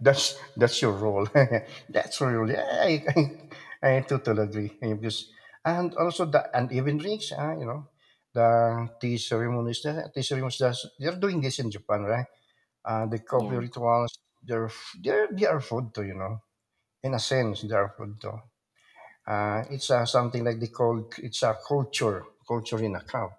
That's your role. <laughs> That's your role. Yeah, I totally agree. And because and also the uneven rings, you know, the tea ceremonies, they're doing this in Japan, right? The
<laughs>
coffee
Yeah.
rituals. They're they're they are food too, you know. In a sense, they are food too. It's something like they call it's a culture, culture in a cup.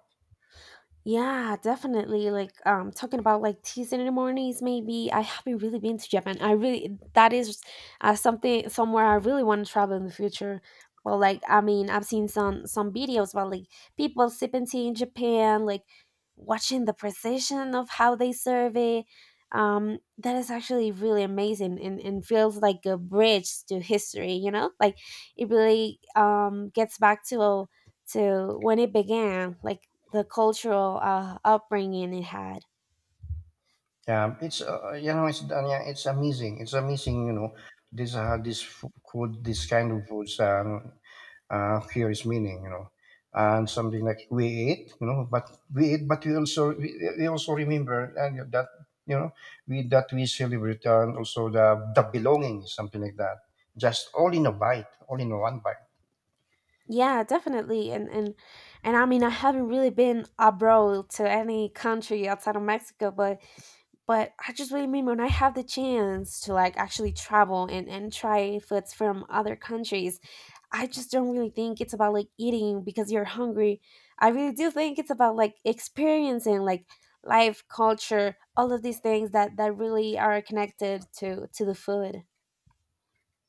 Yeah, definitely. Like, talking about like teas in the mornings. Maybe I haven't really been to Japan. I really, that is something somewhere I really want to travel in the future. Well, like I mean, I've seen some videos about like people sipping tea in Japan, like watching the precision of how they serve it. That is actually really amazing, and feels like a bridge to history. You know, like it really gets back to when it began, like the cultural upbringing it had.
Yeah, it's it's yeah, it's amazing. It's amazing, you know. This this food, this kind of foods. Curious meaning, you know, and something like we eat, you know, but we eat, but we also remember and that you know we that we celebrate and also the belonging, something like that, just all in a bite, all in one bite.
Yeah, definitely. And I mean, I haven't really been abroad to any country outside of Mexico, but I just really mean when I have the chance to like actually travel and try foods from other countries, I just don't really think it's about like eating because you're hungry. I really do think it's about like experiencing like life, culture, all of these things that that really are connected to the food.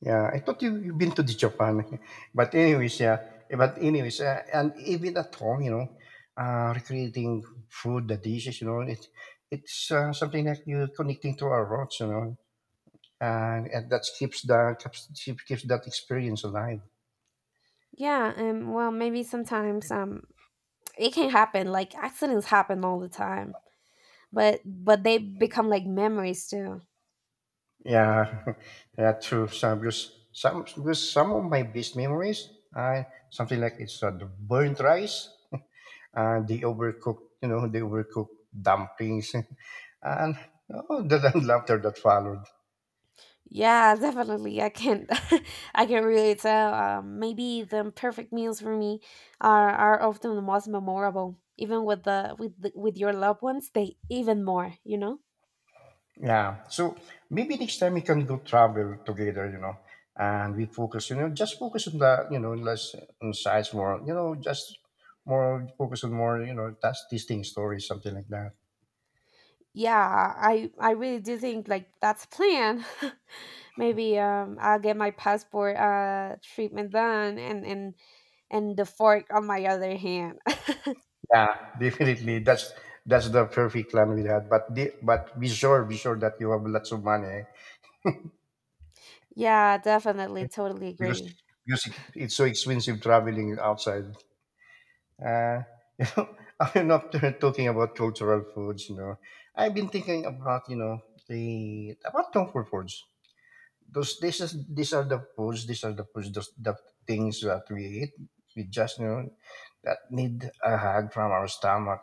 Yeah, you've been to the Japan, <laughs> but anyways, yeah, eh, but anyways, and even at home, you know, recreating food, the dishes, you know, it it's something that you connecting to our roots, you know, and that keeps the keeps, keeps that experience alive.
Yeah. Well, maybe sometimes it can happen. Like accidents happen all the time, but they become like memories too.
Yeah, <laughs> yeah, true. Some of my best memories, uh, something like it's the burnt rice, the overcooked, you know, the overcooked dumplings, <laughs> and oh, the laughter that followed.
Yeah, <laughs> definitely. I can <laughs> I can really tell. Maybe the imperfect meals for me are often the most memorable. Even with the with the, with your loved ones, they even more. You know.
Yeah. So maybe next time we can go travel together, you know, and we focus, you know, just focus on the, you know, less on size more, you know, just more focus on more, you know, that's tasting stories, something like that.
Yeah, I really do think like that's a plan. <laughs> Maybe I'll get my passport treatment done, and the fork on my other hand.
Yeah, <laughs> definitely. That's the perfect plan we had. But the, but be sure that you have lots of money, eh?
<laughs> Yeah, definitely, totally
because
agree.
because it's so expensive traveling outside. Uh, <laughs> you know, I'm not talking about cultural foods. You know, I've been thinking about you know the about comfort foods. Those this is these are the foods. These are the foods. Those the things that we eat. We just you know that need a hug from our stomach.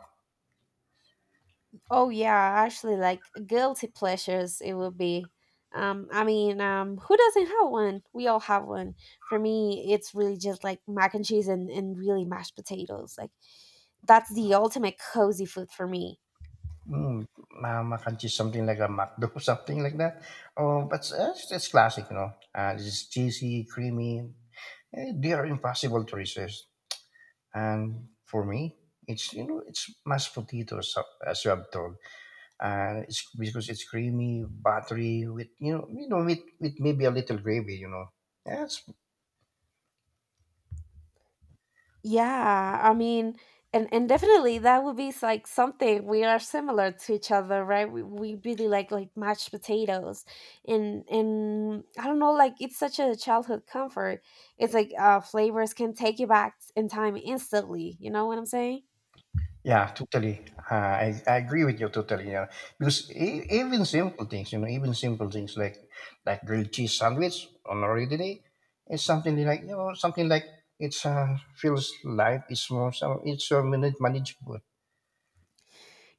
Oh yeah, actually like guilty pleasures it would be. I mean, who doesn't have one? We all have one. For me, it's really just like mac and cheese and really mashed potatoes. Like that's the ultimate cozy food for me.
Mm, mac and cheese, something like a McDo, <laughs> something like that. Oh, but it's classic, you know. It's cheesy, creamy. Eh, they are impossible to resist. And for me, it's you know it's mashed potato as a hot dog, and it's because it's creamy, buttery with you know with maybe a little gravy, you know. Yes,
Yeah, I mean, and definitely that would be s- like something we are similar to each other, right? We really like mashed potatoes, and I don't know, like it's such a childhood comfort. It's like flavors can take you back in time instantly. You know what I'm saying?
yeah, totally. I agree with you totally. Yeah, because even simple things, you know, even simple things like grilled cheese sandwich on a rainy day, it's something like you know something like it's feels light, it's more so it's so manageable.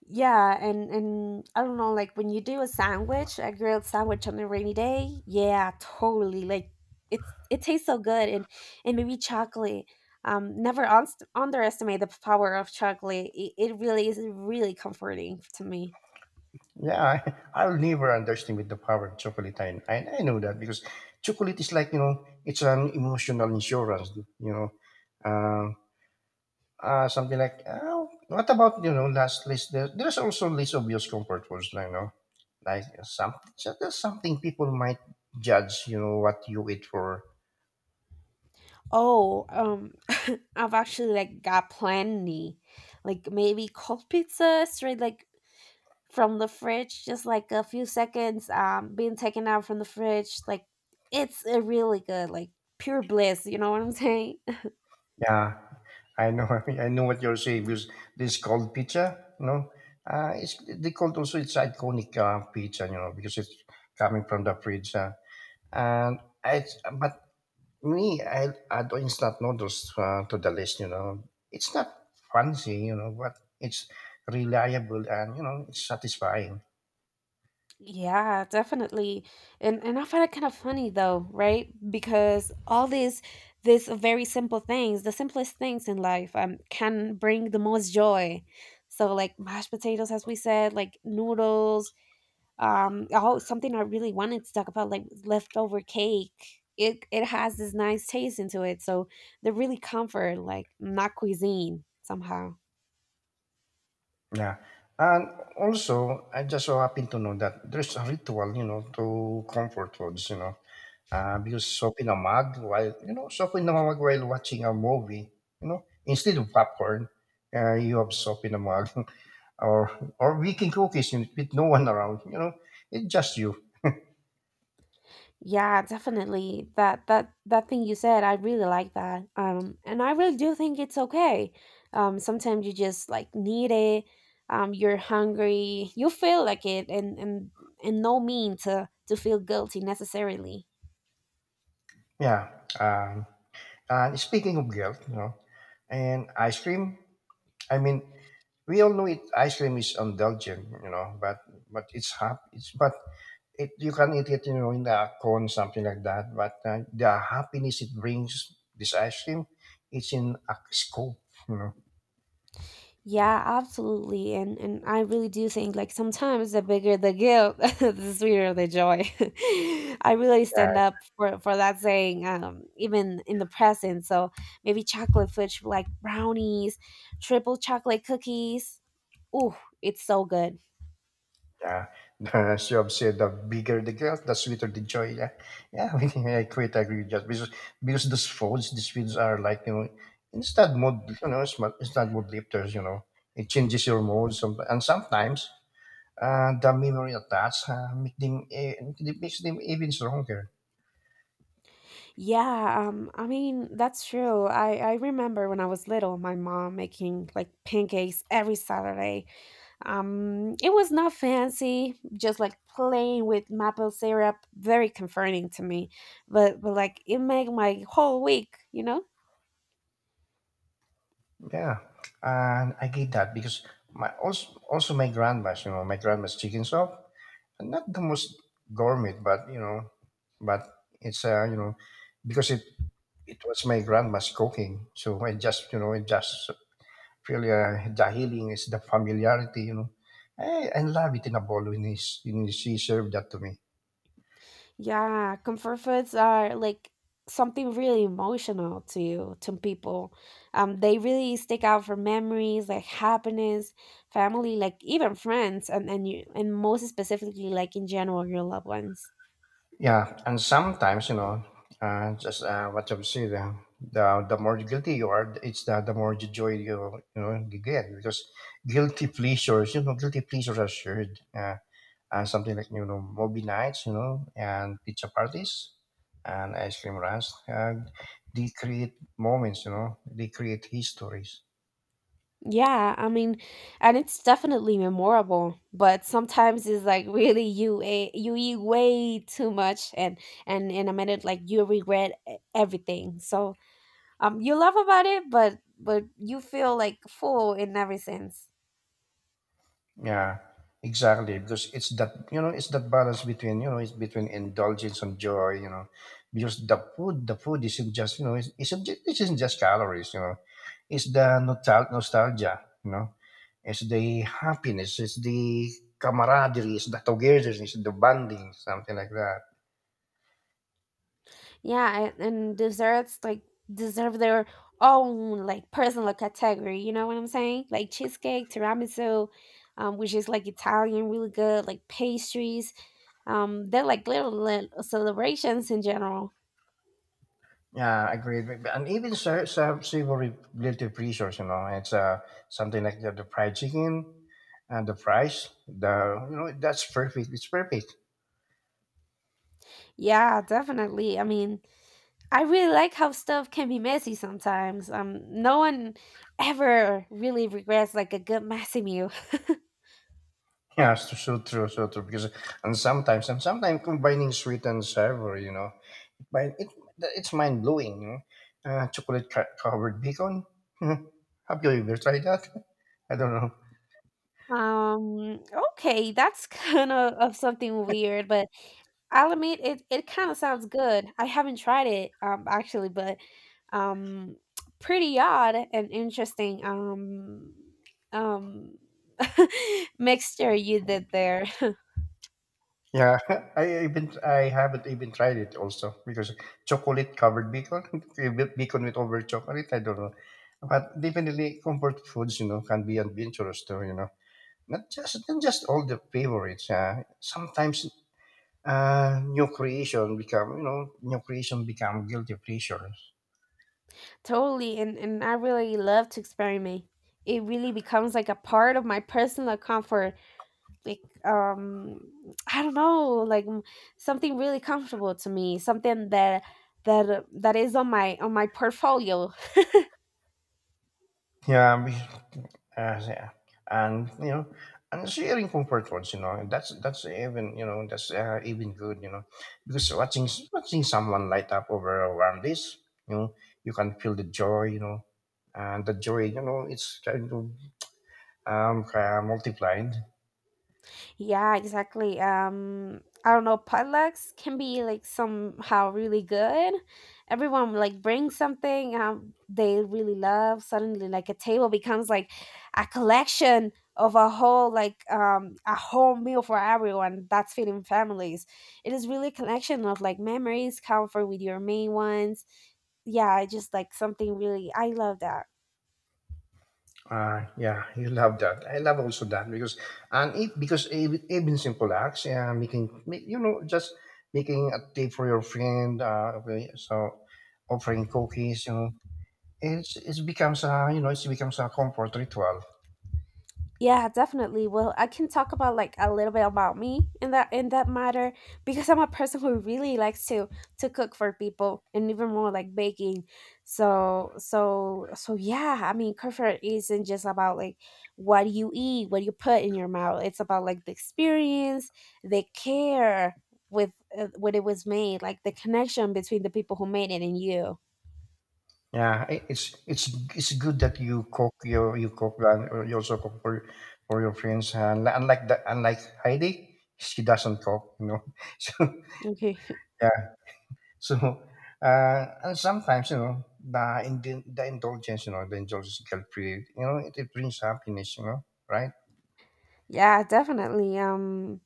Yeah, and I don't know, like when you do a sandwich, a grilled sandwich on a rainy day, yeah, totally. Like it's it tastes so good, and maybe chocolate. Never un- underestimate the power of chocolate. It really is really comforting to me.
Yeah, I'll never underestimate the power of chocolate. I know that because chocolate is like, you know, it's an emotional insurance, you know. Um, Something like, oh, what about, you know, last list? There's also less obvious comfort foods, you know, like some, so there's something people might judge, you know, what you eat for.
Oh, <laughs> I've actually like got plenty, like maybe cold pizza, straight like from the fridge, just like a few seconds being taken out from the fridge. Like it's a really good, like pure bliss. You know what I'm saying? <laughs>
Yeah, I know. <laughs> I know what you're saying because this cold pizza, you know, it's they called also it's iconic pizza, you know, because it's coming from the fridge. And I, but Me, I add instant noodles to the list. You know, it's not fancy, you know, but it's reliable and you know it's satisfying.
Yeah, definitely. And I find it kind of funny though, right? Because all these very simple things, the simplest things in life can bring the most joy. So like mashed potatoes as we said, like noodles. Oh, something I really wanted to talk about, like leftover cake. It has this nice taste into it, so they really comfort like not cuisine somehow.
Yeah. And also, I just so happen to know that there's a ritual, you know, to comfort foods, you know. Because soaking a mug while you know soaking a mug while watching a movie, you know, instead of popcorn, you have soap in a mug, <laughs> or or baking cookies with no one around. You know, it's just you.
Yeah, definitely. That thing you said, I really like that. And I really do think it's okay. Sometimes you just like need it. You're hungry. You feel like it, and no mean to feel guilty necessarily.
Yeah. Um, and speaking of guilt, you know, and ice cream. I mean, we all know it. Ice cream is indulgent, you know, but it's but it you can eat it you know in a cone something like that but the happiness it brings this ice cream, it's in a scoop, you know.
Yeah, absolutely. And I really do think like sometimes the bigger the guilt, <laughs> the sweeter the joy. <laughs> I really
Yeah,
stand up for that saying even in the present. So maybe chocolate fudge like brownies, triple chocolate cookies. Ooh, it's so good.
yeah. <laughs> As you have said, the bigger the guilt the sweeter the joy, yeah, yeah. <laughs> I quite agree with that because those foods these foods are like you know instant mood you know instant mood lifters, you know, it changes your mood some, and sometimes the memory attached make them, eh, it makes them even stronger.
Yeah, I mean, that's true. I remember when I was little, my mom making like pancakes every Saturday. It was not fancy, just like plain with maple syrup, very comforting to me. But like it made my whole week, you know?
Yeah, and I get that because my also also my grandma's, you know, my grandma's chicken soup, not the most gourmet, but you know, but it's you know, because it was my grandma's cooking, so I just you know, it just really the healing is the familiarity, you know. I love it in a bowl when he, when she served that to me.
Yeah, comfort foods are like something really emotional to people. They really stick out for memories like happiness, family, like even friends, and you and most specifically like in general your loved ones.
Yeah, and sometimes you know, just what you say, the more guilty you are, it's the more the joy you you know you get because you know, guilty pleasures are shared, and something like you know movie nights, you know, and pizza parties, and ice cream runs, and they create moments, you know, they create histories.
Yeah, I mean, and it's definitely memorable, but sometimes it's like <laughs> really you eh, you eat way too much, and in a minute like you regret e- everything. So you love about it, but you feel like full in every sense.
Yeah, exactly. Because it's that you know, it's that balance between you know, it's between indulgence and joy. You know, because the food isn't just you know, it's not it isn't just calories. You know, it's the nostalgia. You know, it's the happiness, it's the camaraderie, it's the togetherness, the bonding, something like that.
Yeah and desserts like deserve their own like personal category, you know what I'm saying, like cheesecake, tiramisu, which is like Italian, really good like pastries. They're like little, little celebrations in general.
Yeah, I agree. And even savory guilty pleasures, you know, it's something like the fried chicken and the fries. The you know that's perfect. It's perfect. <laughs>
Yeah, definitely, I mean, I really like how stuff can be messy sometimes. No one ever really regrets like a good messy meal. <laughs>
Yeah, it's so true, so true. Because and sometimes combining sweet and savory, you know, but it's mind blowing. You know, chocolate covered bacon. <laughs> Have you ever tried that? <laughs> I don't know.
Um, okay, that's <laughs> kind of something weird, but I'll admit it, it kind of sounds good. I haven't tried it actually, but um pretty odd and interesting um <laughs> mixture you did there. <laughs>
Yeah, <laughs> I haven't even tried it also because chocolate covered bacon, <laughs> bacon with over chocolate. I don't know, but definitely comfort foods, you know, can be adventurous too. You know, not just all the favorites. Sometimes new creation become guilty pleasures.
Totally, and I really love to experiment. It really becomes like a part of my personal comfort. Like, I don't know, like, something really comfortable to me, something that that is on my portfolio.
Yeah, yeah. And you know, and sharing comfort foods, you know, that's even you know that's even good, you know, because watching someone light up over a warm dish, you know, you can feel the joy, you know, and the joy, you know, it's kind of multiplied.
Yeah, exactly. I don't know. Potlucks can be like somehow really good. Everyone like brings something they really love. Suddenly, like a table becomes like a collection of a whole like a whole meal for everyone. That's feeding families. It is really a collection of like memories, comfort with your main ones. Yeah, just like something really. I love that.
Yeah, you love that. I love also that because and if because even simple acts, yeah, making you know just making a tea for your friend, okay, so offering cookies, you know. It becomes a you know it becomes a comfort ritual.
Yeah, definitely. Well, I can talk about like a little bit about me in that matter because I'm a person who really likes to cook for people and even more like baking. So yeah, I mean comfort isn't just about like what you eat, what you put in your mouth. It's about like the experience, the care with when it was made, like the connection between the people who made it and you.
Yeah, it's good that you cook your you cook and or you also cook for your friends. And unlike that, unlike Heidi, she doesn't cook. You know, <laughs> so
Okay.
yeah, so and sometimes you know the in the indulgence, you know, the indulgence guilt free. You know, it brings happiness. You know, right?
<laughs> Yeah, definitely.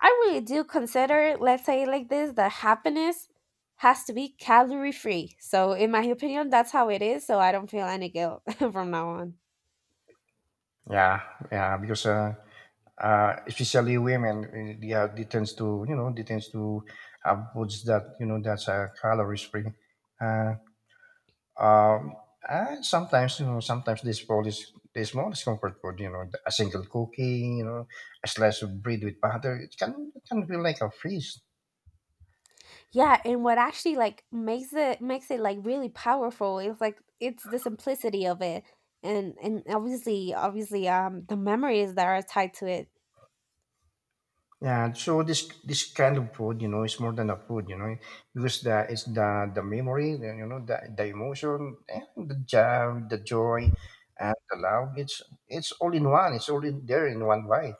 I really do consider, let's say it like this, that happiness has to be calorie free. So, in my opinion, that's how it is. So, I don't feel any guilt <laughs> from now on.
Yeah, yeah, because especially women, eh, yeah, they tends to have foods that, you know, that's calories free. Uh, um, and sometimes, you know, sometimes this fall is the smallest comfort food, you know, a single cookie, you know, a slice of bread with butter. It can feel like a feast.
Yeah, and what actually like makes it like really powerful is like it's the simplicity of it, and obviously, the memories that are tied to it.
Yeah, so this kind of food, you know, is more than a food, you know, because the it's the memory, the, you know, the emotion, and the joy, and the love. It's all in one. It's all in there in one bite.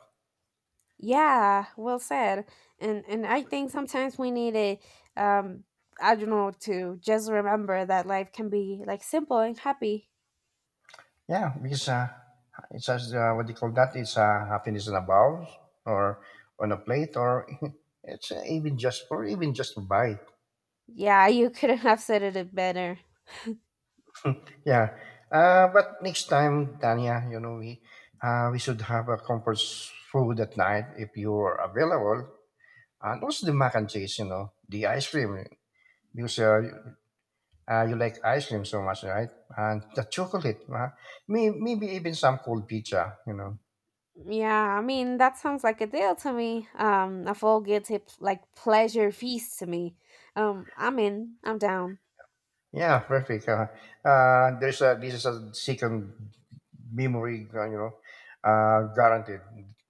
Yeah, well said. And I think sometimes we need a um I don't know to just remember that life can be like simple and happy.
Yeah, because it's as what do you call that? It's happiness in a bowl or on a plate, or <laughs> it's even just a bite.
Yeah, you <laughs> couldn't have said it better.
Yeah. But next time, Tanya, you know, we should have a comfort food at night if you're available. And also the mac and cheese, you know, the ice cream, because you like ice cream so much, right? And the chocolate, maybe even some cold pizza, you know.
Yeah, I mean that sounds like a deal to me. A full guilty p- like pleasure feast to me. I'm in. I'm down.
Yeah, perfect. There's this is a second memory, you know, guaranteed.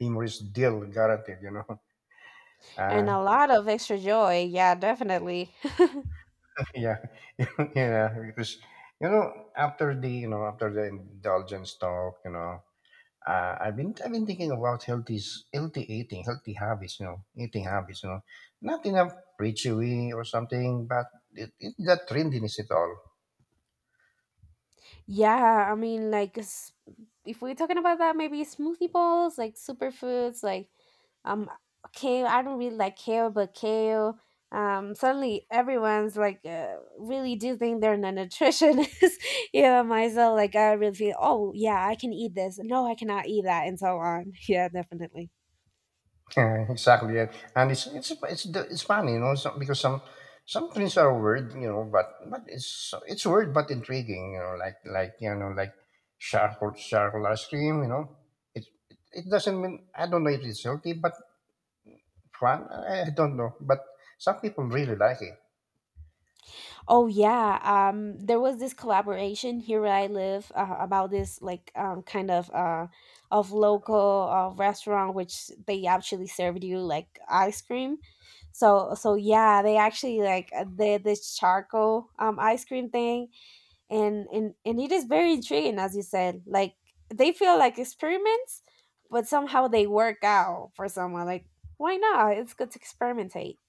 Memories deal guaranteed, you know. <laughs>
And
Uh,
a lot of extra joy. Yeah, definitely.
yeah. <laughs> Yeah, because after the indulgence talk, you know, I've been thinking about healthy healthy eating, healthy habits, you know, eating habits, you know, not in a preachy way or something, but that trendiness at all.
Yeah, I mean, like, s- if we're talking about that, maybe smoothie bowls, like superfoods, like um, kale. I don't really like kale, but kale. Suddenly everyone's like, really do think they're a nutritionist. <laughs> Yeah, myself, like, I really feel, oh yeah, I can eat this. No, I cannot eat that, and so on. <laughs> Yeah, definitely.
<laughs> Yeah, exactly. Yeah. And it's funny, you know, so, because some things are weird, you know, but it's weird but intriguing, you know, like charcoal, charcoal ice cream, you know. It doesn't mean. I don't know if it's healthy, but fun. I don't know, but some people really like it.
Oh yeah, there was this collaboration here where I live about this like, kind of local restaurant which they actually served you like ice cream. So yeah, they actually like did this charcoal ice cream thing, and it is very intriguing as you said. Like they feel like experiments, but somehow they work out for someone. Like why not? It's good to experimentate.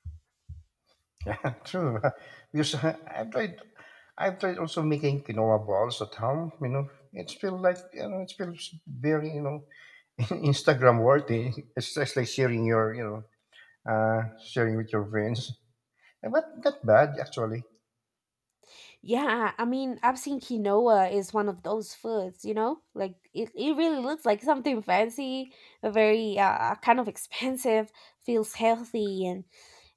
<laughs> Yeah, true. <laughs> Because I've tried also making quinoa balls at home, you know. It feels very, you know, <laughs> Instagram worthy. It's just like sharing your, you know, sharing with your friends. Eh, but not bad actually.
Yeah, I mean, I've seen quinoa is one of those foods, you know? Like it really looks like something fancy, a very kind of expensive, feels healthy and,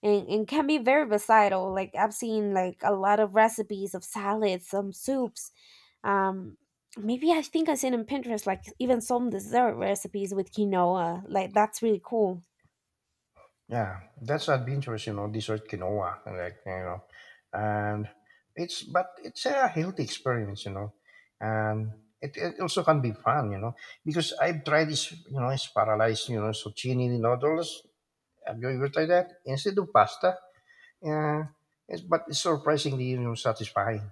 and can be very versatile. Like I've seen like a lot of recipes of salads, some soups. Um Maybe I think I seen on Pinterest like even some dessert recipes with quinoa. Like that's really cool.
Yeah, that's not dangerous, you know. This sort quinoa, like you know, and it's but it's a healthy experience, you know, and it also can be fun, you know, because I've tried this, you know, it's paralyzed, you know, zucchini noodles. Have you ever tried that instead of pasta? Yeah, it's, but it's surprisingly, you know, satisfying.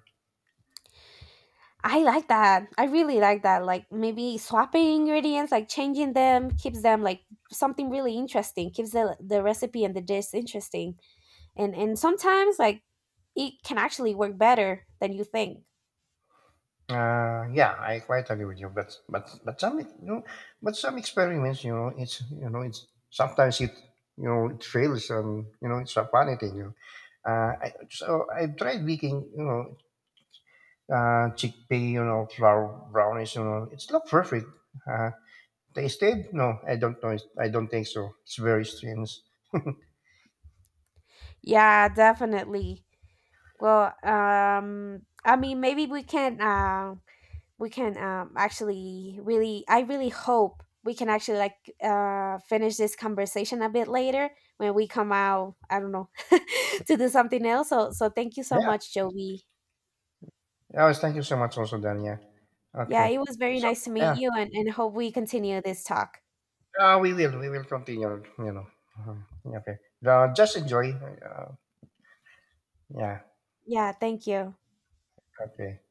I like that. I really like that. Like maybe swapping ingredients, like changing them, keeps them like something really interesting. Keeps the recipe and the dish interesting. And sometimes like it can actually work better than you think.
Yeah, I quite agree with you, but but some you know, but some experiments, you know, it's sometimes it fails, and you know, it's a funny thing. You know. So I have tried baking, you know, chickpea, you know, flour brownies, you know, it's not perfect. Uh, tasted? No, I don't know. It's, I don't think so. It's very strange.
Yeah, definitely. Well, I mean, maybe we can actually really I really hope we can actually like finish this conversation a bit later when we come out I don't know <laughs> to do something else so thank you so
Yeah.
much Joby.
Oh, thank you so much, also, Dania.
Yeah,
Okay.
it was very
So
nice to meet
yeah.
you and hope we continue this talk.
We will. We will continue, you know. Mhm. Okay. Just enjoy. Yeah.
Yeah, thank you.
Okay.